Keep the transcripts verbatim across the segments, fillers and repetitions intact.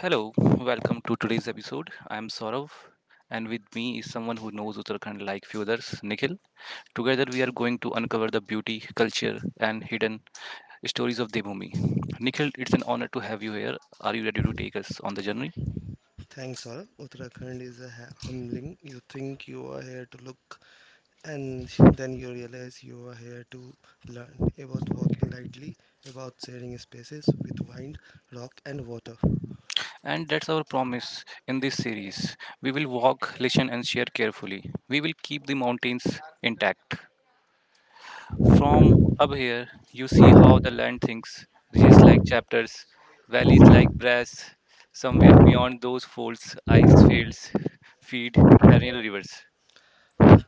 Hello, welcome to today's episode. I'm Saurav, and with me is someone who knows Uttarakhand like few others, Nikhil. Together, we are going to uncover the beauty, culture, and hidden stories of Devbhumi. Nikhil, it's an honor to have you here. Are you ready to take us on the journey? Thanks all. Uttarakhand is a ha- humbling. You think you are here to look, and then you realize you are here to learn about walking lightly, about sharing spaces with wind, rock, and water. And that's our promise in this series. We will walk, listen, and share carefully. We will keep the mountains intact. From up here, you see how the land thinks, ridges like chapters, valleys like brass. Somewhere beyond those folds, ice fields feed perennial rivers.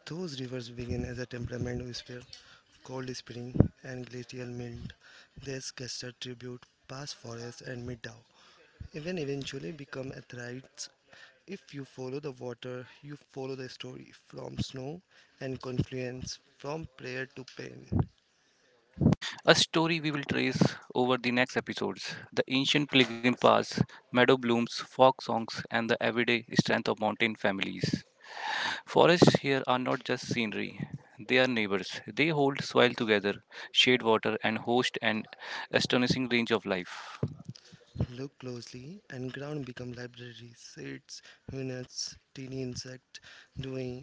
Those rivers begin as a temperament whisper, cold spring, and glacial melt. They scatter tribute past forests and meet Tao. Even eventually become athletes. If you follow the water, you follow the story from snow and confluence, from prayer to pain. A story we will trace over the next episodes, the ancient pilgrim paths, meadow blooms, folk songs, and the everyday strength of mountain families. Forests here are not just scenery, they are neighbors. They hold soil together, shade water, and host an astonishing range of life. Look closely and ground become libraries, seeds units, teeny insect doing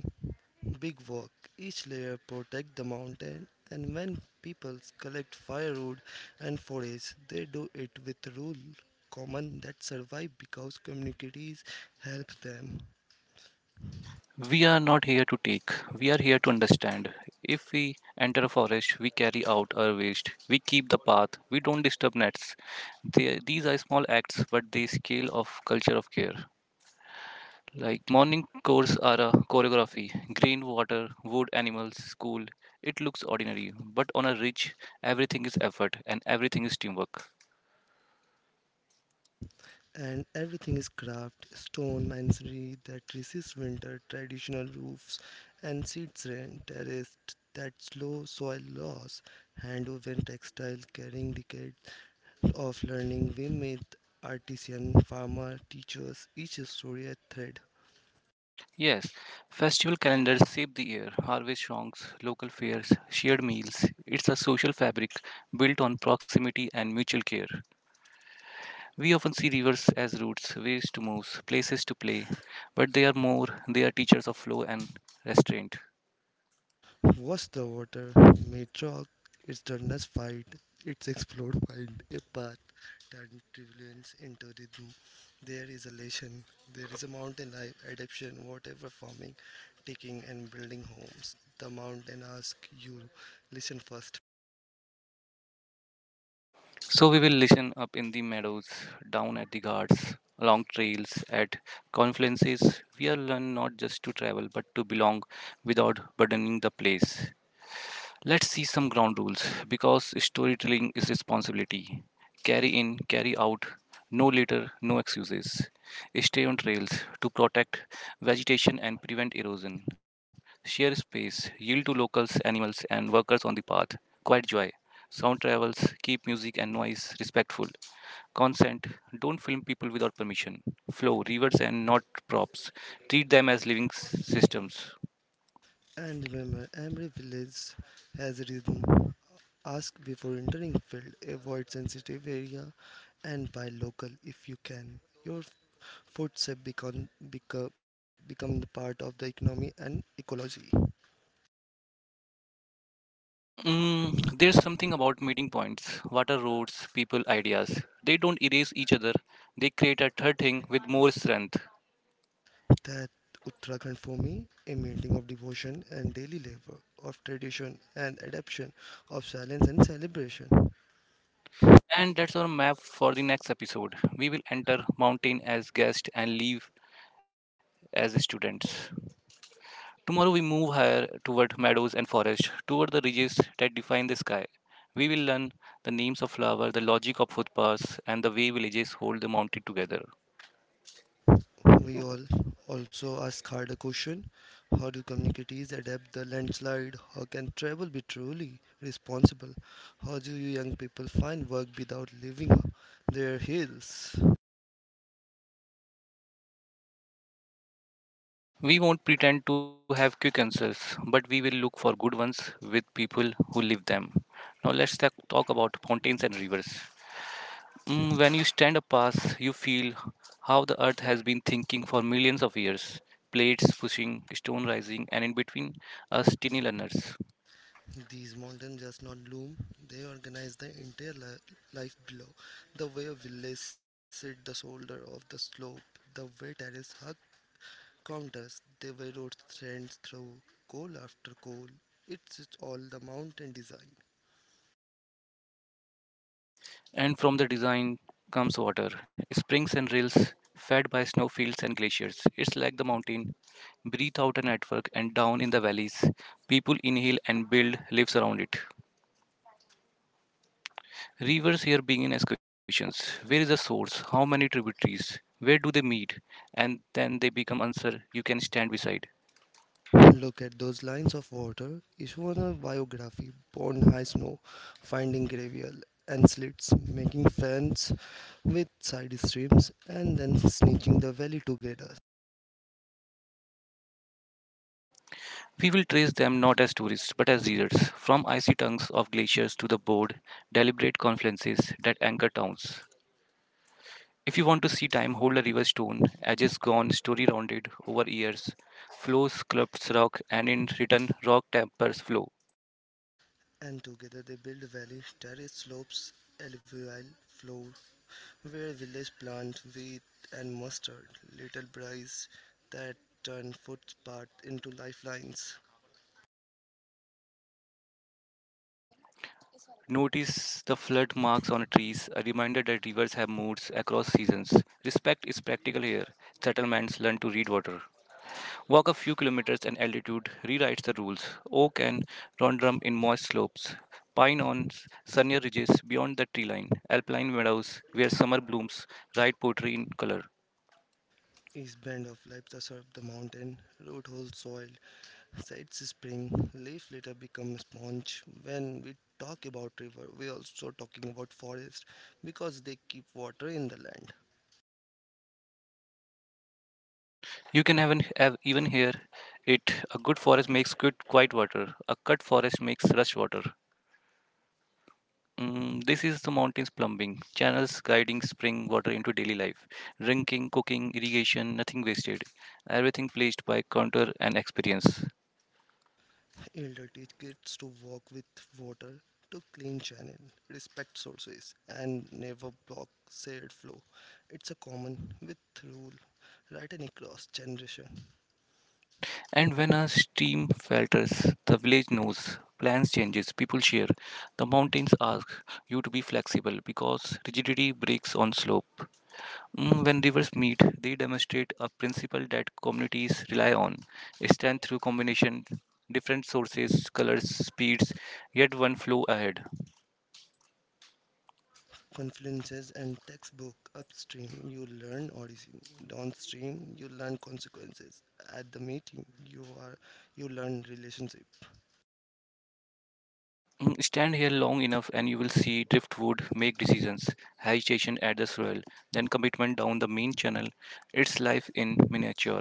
big work. Each layer protect the mountain, and when people collect firewood and forage, they do it with rule common that survive because communities help them. We are not here to take, we are here to understand. If we enter a forest, we carry out our waste, we keep the path, we don't disturb nets. They, these are small acts, but they scale of culture of care. Like morning chores are a choreography, green water, wood animals, school. It looks ordinary, but on a ridge, everything is effort and everything is teamwork. And everything is carved stone masonry that resists winter, traditional roofs and seats rain, terraced that slow soil loss, hand-woven textile carrying decades of learning. We meet artisan farmer teachers, each story a thread. Yes, festival calendars shape the year, harvest songs, local fairs, shared meals. It's a social fabric built on proximity and mutual care. We often see rivers as routes, ways to move, places to play, but they are more, they are teachers of flow and restraint. What's the water? May chalk. It's darkness. Fight. It's explode, find a path that turbulence into rhythm. There is elation. There is a mountain life, adaptation, whatever farming, taking and building homes. The mountain asks you, listen first. So we will listen up in the meadows, down at the guards, along trails, at confluences. We are learned not just to travel but to belong without burdening the place. Let's see some ground rules because storytelling is responsibility. Carry in, carry out, no litter, no excuses. Stay on trails to protect vegetation and prevent erosion. Share space, yield to locals, animals, and workers on the path. Quiet joy. Sound travels, keep music and noise respectful. Consent, don't film people without permission. Flow, rivers, and not props. Treat them as living s- systems. And remember, every village has a rhythm. Ask before entering field, avoid sensitive area, and buy local if you can. Your food save become, become, become the part of the economy and ecology. Mm, there's something about meeting points. What are roads, people, ideas? They don't erase each other, they create a third thing with more strength. That Uttarakhand for me, a meeting of devotion and daily labor, of tradition and adaptation, of silence and celebration. And that's our map for the next episode. We will enter mountain as guest and leave as students. Tomorrow we move higher toward meadows and forest, toward the ridges that define the sky. We will learn the names of flowers, the logic of footpaths, and the way villages hold the mountain together. We all also ask hard a question. How do communities adapt the landslide? How can travel be truly responsible? How do you young people find work without leaving their hills? We won't pretend to have quick answers, but we will look for good ones with people who live them. Now let's ta- talk about mountains and rivers. Mm, when you stand up pass, you feel how the earth has been thinking for millions of years. Plates pushing, stone rising, and in between us, tiny learners. These mountains just not loom, they organize the entire li- life below. The way a village sit the shoulder of the slope, the way terrace hug counters, the way roads trends through coal after coal. It's, it's all the mountain design. And from the design comes water, springs and rills fed by snowfields and glaciers. It's like the mountain. Breathe out a network, and down in the valleys, people inhale and build lives around it. Rivers here begin as questions. Where is the source? How many tributaries? Where do they meet? And then they become answer you can stand beside. Look at those lines of water. It's one a biography, born high snow, finding gravel and slits, making friends with side streams, and then snitching the valley together. We will trace them not as tourists but as leaders, from icy tongues of glaciers to the bold, deliberate confluences that anchor towns. If you want to see time, hold a river stone, edges gone, story rounded over years, flow sculpts rock, and in return, rock tempers flow. And together they build a valley, terrace slopes, alluvial floor, where village plant wheat and mustard, little bries that turn footpaths into lifelines. Notice the flood marks on trees, a reminder that rivers have moods across seasons. Respect is practical here. Settlements learn to read water. Walk a few kilometers and altitude rewrites the rules. Oak and rhododendron in moist slopes, pine on s- sunnier ridges beyond the tree line, alpine meadows where summer blooms, write poetry in color. East bend of lights serve the mountain, root holds soil, sides spring, leaf later become sponge. When we talk about river, we are also talking about forest because they keep water in the land. You can even have even hear it. A good forest makes good quiet water. A cut forest makes rush water. Mm, this is the mountains plumbing channels guiding spring water into daily life. Drinking, cooking, irrigation, nothing wasted. Everything placed by counter and experience. Elder teach kids to work with water, to clean channel, respect sources, and never block said flow. It's a common with rule written across generation. And when a stream falters, the village knows. Plans changes, people share. The mountains ask you to be flexible because rigidity breaks on slope. Mm, When rivers meet, they demonstrate a principle that communities rely on, strength through combination, different sources, colors, speeds, yet one flow ahead. Confluences and textbook: upstream you learn origin, downstream you learn consequences. At the meeting you are you learn relationship. Mm, Stand here long enough and you will see driftwood make decisions, agitation at the soil, then commitment down the main channel. It's life in miniature.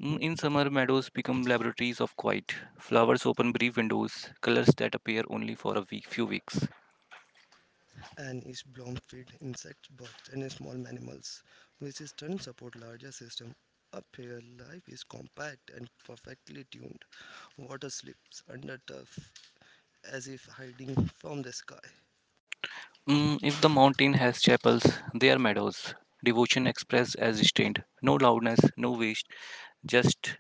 Mm, In summer, meadows become laboratories of quiet. Flowers open brief windows, colors that appear only for a week, few weeks. And is bloom feed insects, bugs, and small mammals, which is then support larger system. Up here, life is compact and perfectly tuned. Water slips under turf as if hiding from the sky, Mm, if the mountain has chapels, they are meadows. Devotion expressed as restraint. No loudness, no waste, just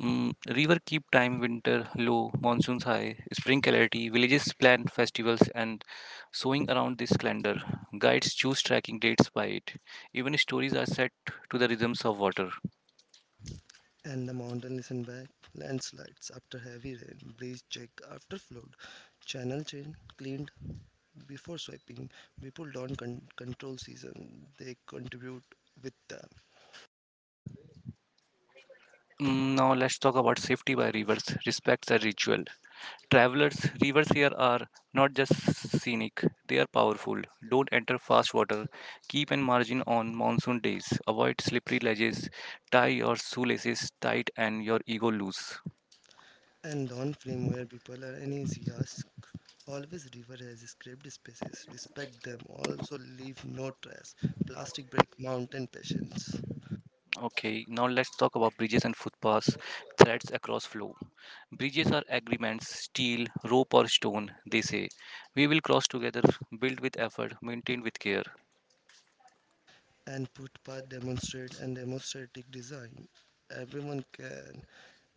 mm, river keep time, winter low, monsoons high, spring clarity, villages plan festivals and sewing around this calendar. Guides choose tracking dates by it. Even stories are set to the rhythms of water. and the mountain listen back. Landslides after heavy rain, breeze check after flood, channel chain cleaned before swiping. People don't con- control season; they contribute with them. Mm, Now let's talk about safety by rivers. Respect the ritual. Travelers, rivers here are not just scenic, they are powerful. Don't enter fast water. Keep an margin on monsoon days. Avoid slippery ledges. Tie your shoelaces tight and your ego loose. And on flame where people are uneasy, ask. Always river has scraped spaces. Respect them. Also leave no trash. Plastic break mountain patience. Okay, now let's talk about bridges and footpaths, threads across flow. Bridges are agreements, steel, rope, or stone, they say. We will cross together, built with effort, maintained with care. And footpath demonstrate and demonstrative design. Everyone can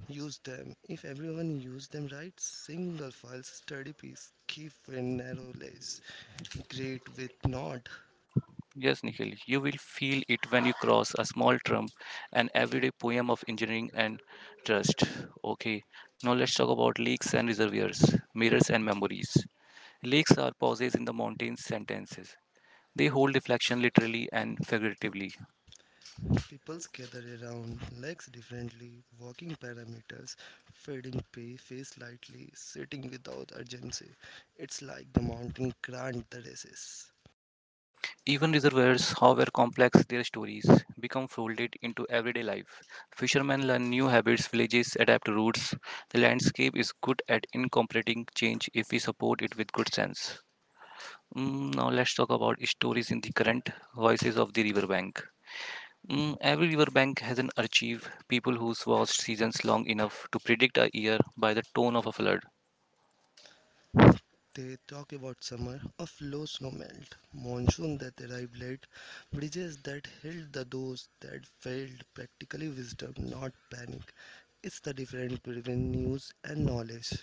use them. If everyone use them right, single file study piece. Keep in narrow lanes. Great with nod. Yes, Nikhil, you will feel it when you cross a small trump, an everyday poem of engineering and trust. Okay, now let's talk about lakes and reservoirs, mirrors and memories. Lakes are pauses in the mountain's sentences. They hold reflection literally and figuratively. People gather around legs differently, walking parameters, fading pay, face lightly, sitting without urgency. It's like the mountain grant the races. Even reservoirs, however complex their stories, become folded into everyday life. Fishermen learn new habits, villages adapt routes. The landscape is good at incorporating change if we support it with good sense. Mm, now let's talk about stories in the current voices of the riverbank. Mm, every riverbank has an archive, people who's watched seasons long enough to predict a year by the tone of a flood. They talk about summer of low snow melt, monsoon that arrived late, bridges that held, the doors that failed, practically wisdom, not panic. It's the difference between news and knowledge.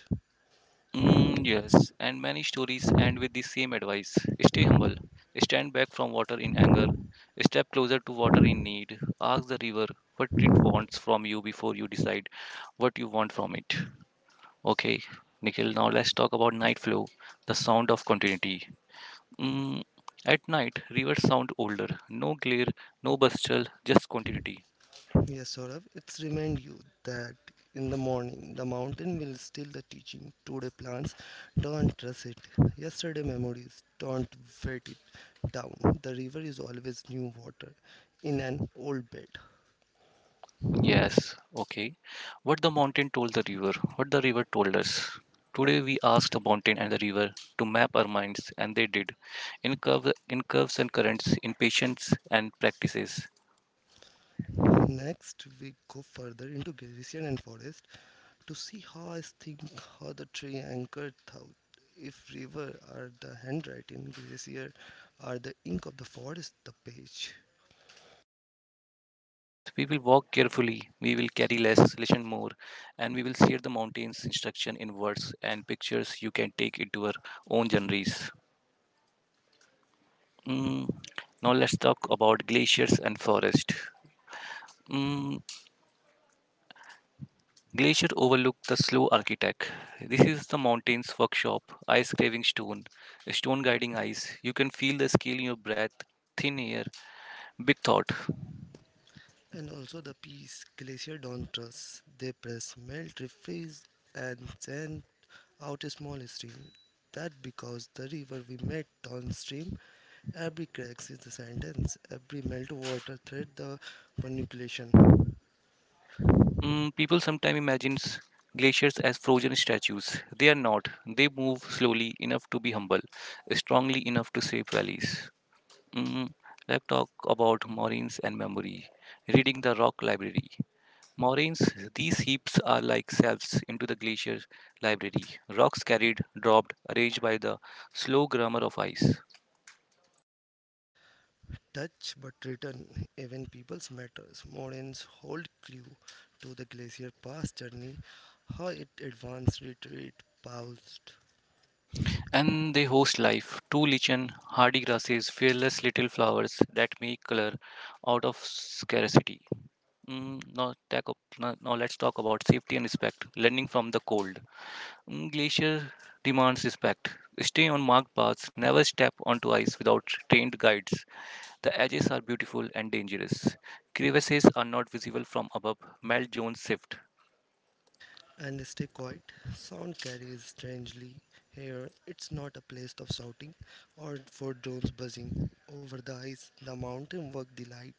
Mm, yes, and many stories end with the same advice, stay humble, stand back from water in anger, step closer to water in need, ask the river what it wants from you before you decide what you want from it. Okay, Nikhil, now let's talk about night flow, the sound of continuity. Mm, at night, rivers sound older. No glare, no bustle, just continuity. Yes, Saurabh, it's remind you that in the morning the mountain will steal the teaching. Today plans, don't trust it. Yesterday memories, don't wet it down. The river is always new water in an old bed. Yes, okay. What the mountain told the river, what the river told us. Today we asked the mountain and the river to map our minds, and they did. In, curve, in curves and currents, in patience and practices. Next, we go further into glacier and forest to see how I think, how the tree anchored thought. If river are the handwriting, glacier are the ink of the forest, the page. Yes, we will walk carefully, we will carry less, listen more, and we will share the mountain's instruction in words and pictures you can take into our own journeys. Mm, now let's talk about glaciers and forest. Mm, glacier overlook the slow architect. This is the mountain's workshop. Ice craving stone, stone guiding ice. You can feel the scale in your breath. Thin air, big thought. And also the peace, glacier don't trust. They press, melt, refreeze, and send out a small stream. That because the river we met downstream, every cracks is the sentence, every melt water thread the manipulation. Mm, people sometimes imagine glaciers as frozen statues. They are not. They move slowly enough to be humble, strongly enough to shape valleys. Mm, let's talk about moraines and memory. Reading the rock library. Moraines, these heaps are like shelves into the glacier library, rocks carried, dropped, arranged by the slow grammar of ice. Touch but return, even people's matters. Moraines hold clue to the glacier past journey, how it advanced, retreat, paused. And they host life, two lichen, hardy grasses, fearless little flowers that make color out of scarcity. Mm, now, tack up- now, now let's talk about safety and respect, learning from the cold. Mm, Glacier demands respect. Stay on marked paths, never step onto ice without trained guides. The edges are beautiful and dangerous. Crevasses are not visible from above. Mel Jones shift. And stay quiet. Sound carries strangely here. It's not a place of shouting or for drones buzzing over the ice. The mountain work delight.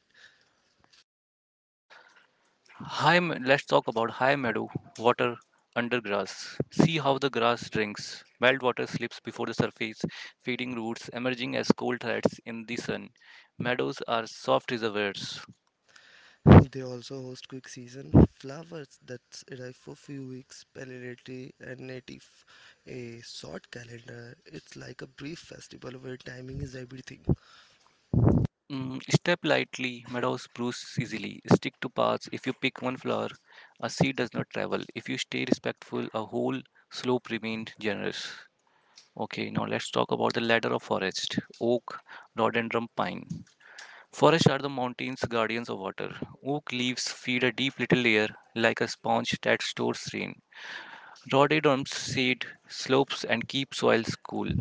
High, me- let's talk about high meadow water under grass. See how the grass drinks. Melt water slips before the surface, feeding roots, emerging as cold threads in the sun. Meadows are soft reservoirs. They also host quick season flowers that arrive for few weeks, palliative and native. A short calendar. It's like a brief festival where timing is everything. Mm, step lightly, meadows bruise easily. Stick to paths. If you pick one flower, a seed does not travel. If you stay respectful, a whole slope remains generous. Okay, now let's talk about the ladder of forest oak, rhododendron, pine. Forests are the mountain's guardians of water. Oak leaves feed a deep little layer like a sponge that stores rain. Rhododendrons shade slopes and keep soils cool.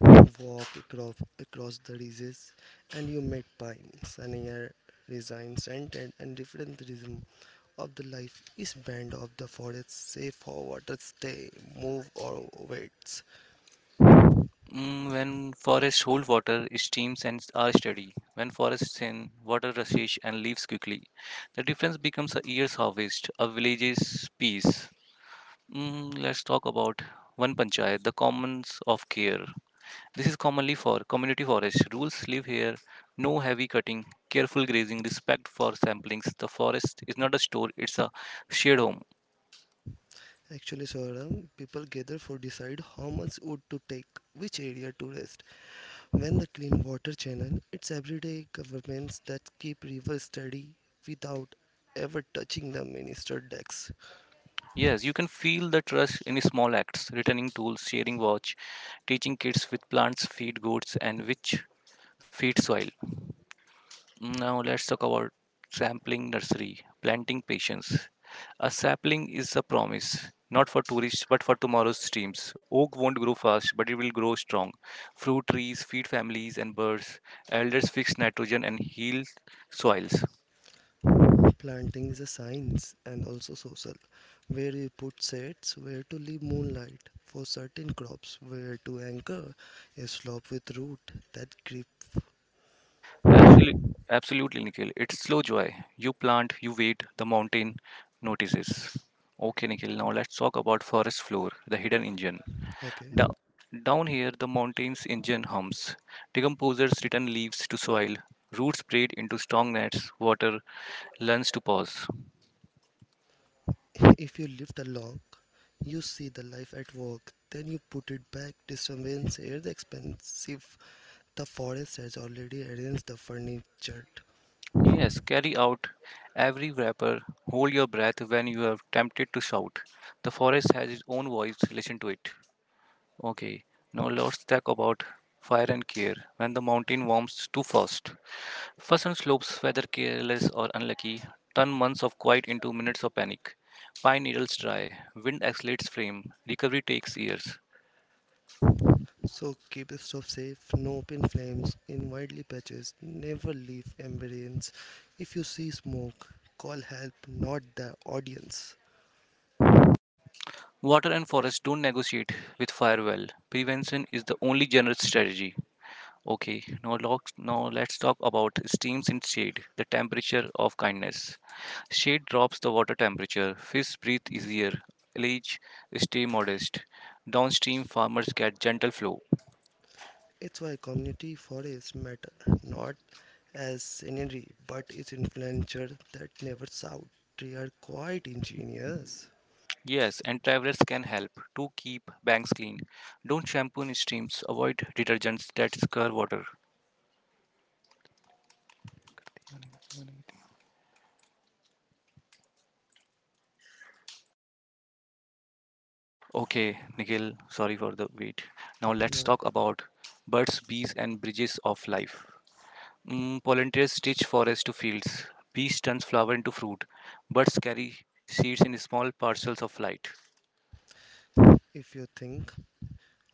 Walk across, across the ridges and you met pines and air resigns and, and, and different rhythm of the life is band of the forest, say for water stay, move or waits. Mm, when forests hold water, streams and s- are steady. When forests thin, water rushes and leaves quickly. The difference becomes a year's harvest, a village's peace. Mm, let's talk about one panchayat, the commons of care. This is commonly for community forest. Rules live here. No heavy cutting, careful grazing, respect for samplings. The forest is not a store, it's a shared home. Actually Saurabh, people gather for decide how much wood to take, which area to rest, when the clean water channel. It's everyday governments that keep rivers steady without ever touching the minister decks. Yes, you can feel the trust in small acts, returning tools, sharing watch, teaching kids with plants feed goats and which feed soil. Now let's talk about sampling nursery, planting patience. A sapling is a promise, not for tourists but for tomorrow's streams. Oak won't grow fast, but it will grow strong. Fruit trees feed families and birds. Elders fix nitrogen and heal soils. Planting is a science and also social, where you put seeds, where to leave moonlight for certain crops, where to anchor a slope with root that grip. Absolutely, absolutely, Nikhil. It's slow joy. You plant, you wait, the mountain notices. Okay, Nikhil, now let's talk about forest floor, the hidden engine. Okay, Da- Down here, the mountain's engine hums. Decomposers return leaves to soil, roots braid into strong nets, water learns to pause. if you lift along, you see the life at work, then you put it back. Disturbance air the expensive. The forest has already arranged the furniture. Yes, carry out every wrapper, hold your breath when you are tempted to shout. The forest has its own voice, listen to it. Okay, now let's talk about fire and care when the mountain warms too fast. Frozen slopes, whether careless or unlucky, turn months of quiet into minutes of panic. Pine needles dry, wind accelerates frame, recovery takes years. So keep stuff safe, no open flames in wildly patches, never leave ambience. If you see smoke, call help, not the audience. Water and forest don't negotiate with fire well. Prevention is the only generous strategy. Okay, now, locks, now let's talk about steams in shade, the temperature of kindness. Shade drops the water temperature, fish breathe easier, leech stay modest. Downstream farmers get gentle flow. It's why community forests matter, not as scenery, but its influencer that never shout. They are quite ingenious. Yes, and travelers can help to keep banks clean. Don't shampoo in streams, avoid detergents that scur water. Okay, Nikhil, sorry for the wait. Now let's Note, talk about birds, bees, and bridges of life. Mm, volunteers stitch forest to fields. Bees turns flower into fruit. Birds carry seeds in small parcels of light. if you think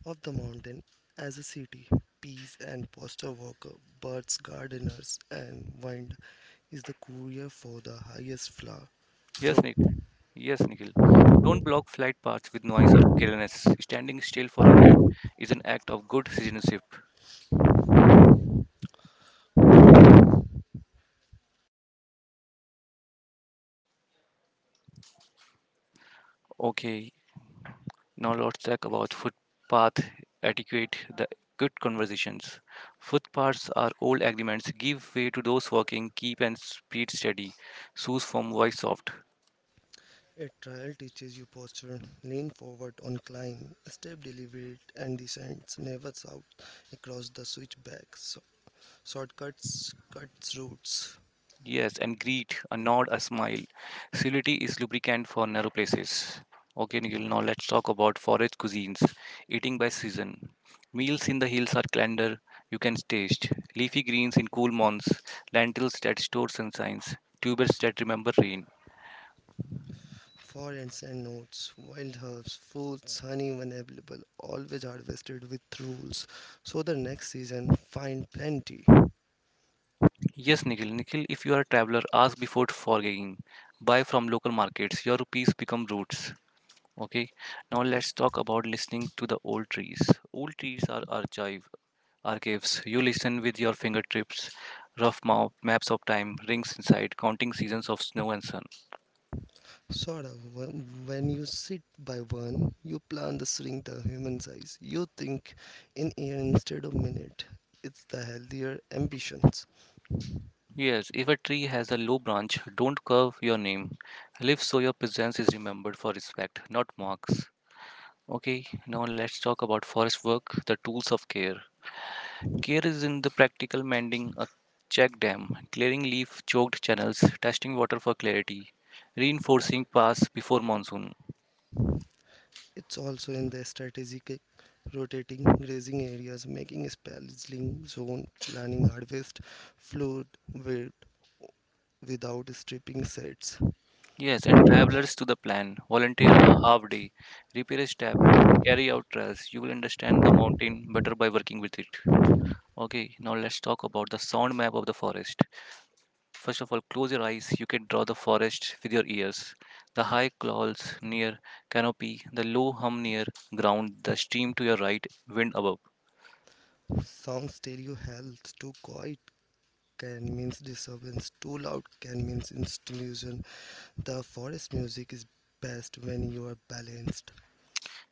of the mountain as a city, bees and postal worker, birds, gardeners, and wind is the courier for the highest floor. Yes, Flow. Nick. Yes, Nikhil. Don't block flight paths with noise or carelessness. Standing still for a minute is an act of good citizenship. Okay, now let's talk about footpath etiquette, the good conversations. Footpaths are old agreements. Give way to those walking, keep and speed steady. Shoes from voice soft. A trial teaches you posture, lean forward on climb, step deliberate and descends, never south across the switchbacks, so- shortcuts, cuts routes, Yes, and greet, a nod, a smile. Civility is lubricant for narrow places. Okay, Nikhil, now let's talk about forage cuisines. Eating by season. Meals in the hills are calendar you can taste. Leafy greens in cool months, lentils that store sunshines, tubers that remember rain. forests and notes, wild herbs, fruits, honey when available, always harvested with rules. So the next season, find plenty. Yes, Nikhil, Nikhil, if you are a traveler, ask before foraging. Buy from local markets. Your rupees become roots. Okay, now Okay. let's talk about listening to the old trees. Old trees are archive archives. You listen with your fingertips, rough map, maps of time, rings inside, counting seasons of snow and sun. Sort of. When, when you sit by one, you plan the shrink the human size. You think in year instead of minute. It's the healthier ambitions. Yes, if a tree has a low branch, don't curve your name. Live so your presence is remembered for respect, not marks. Okay, now let's talk about forest work, the tools of care. Care is in the practical mending a check dam, clearing leaf choked channels, testing water for clarity, reinforcing paths before monsoon. It's also in the strategic rotating, grazing areas, making spacing zone, planning harvest, flood, weight without stripping sets. Yes, and travelers to the plan. Volunteer a half day. Repair a step. Carry out trials. You will understand the mountain better by working with it. Okay, now let's talk about the sound map of the forest. First of all, close your eyes. You can draw the forest with your ears. The high clouds near canopy, the low hum near ground, the stream to your right, wind above. Sound stereo health, too quiet can means disturbance, too loud can means institution. The forest music is best when you are balanced.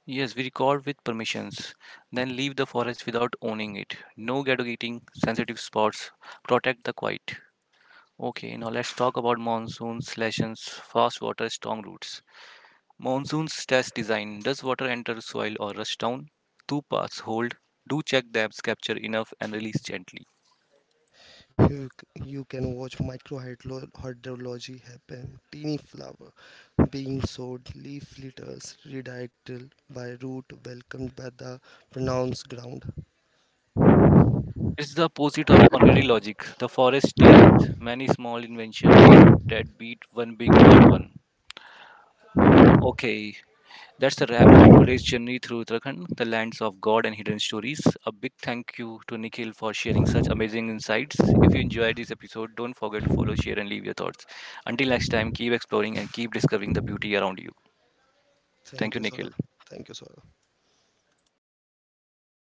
Yes, we record with permissions. Then leave the forest without owning it. No gadgetting, sensitive spots. Protect the quiet. Okay, now let's talk about monsoons, lesions, fast water, strong roots. Monsoons test design. Does water enter soil or rush down? Two paths hold. Do check dams, capture enough, and release gently. You, c- you can watch microhydrology happen, teeny flower being sowed, leaf litters redirected by root welcomed by the pronounced ground. It's the opposite of concrete logic. The forest stays many small invention that beat one big hard one. Okay, that's a wrap on today's journey through Uttarakhand, the lands of God and hidden stories. A big thank you to Nikhil for sharing such amazing insights. If you enjoyed this episode, don't forget to follow, share, and leave your thoughts. Until next time, keep exploring and keep discovering the beauty around you. Thank Thank you, you, Nikhil. Saurabh. Thank you, Saurabh.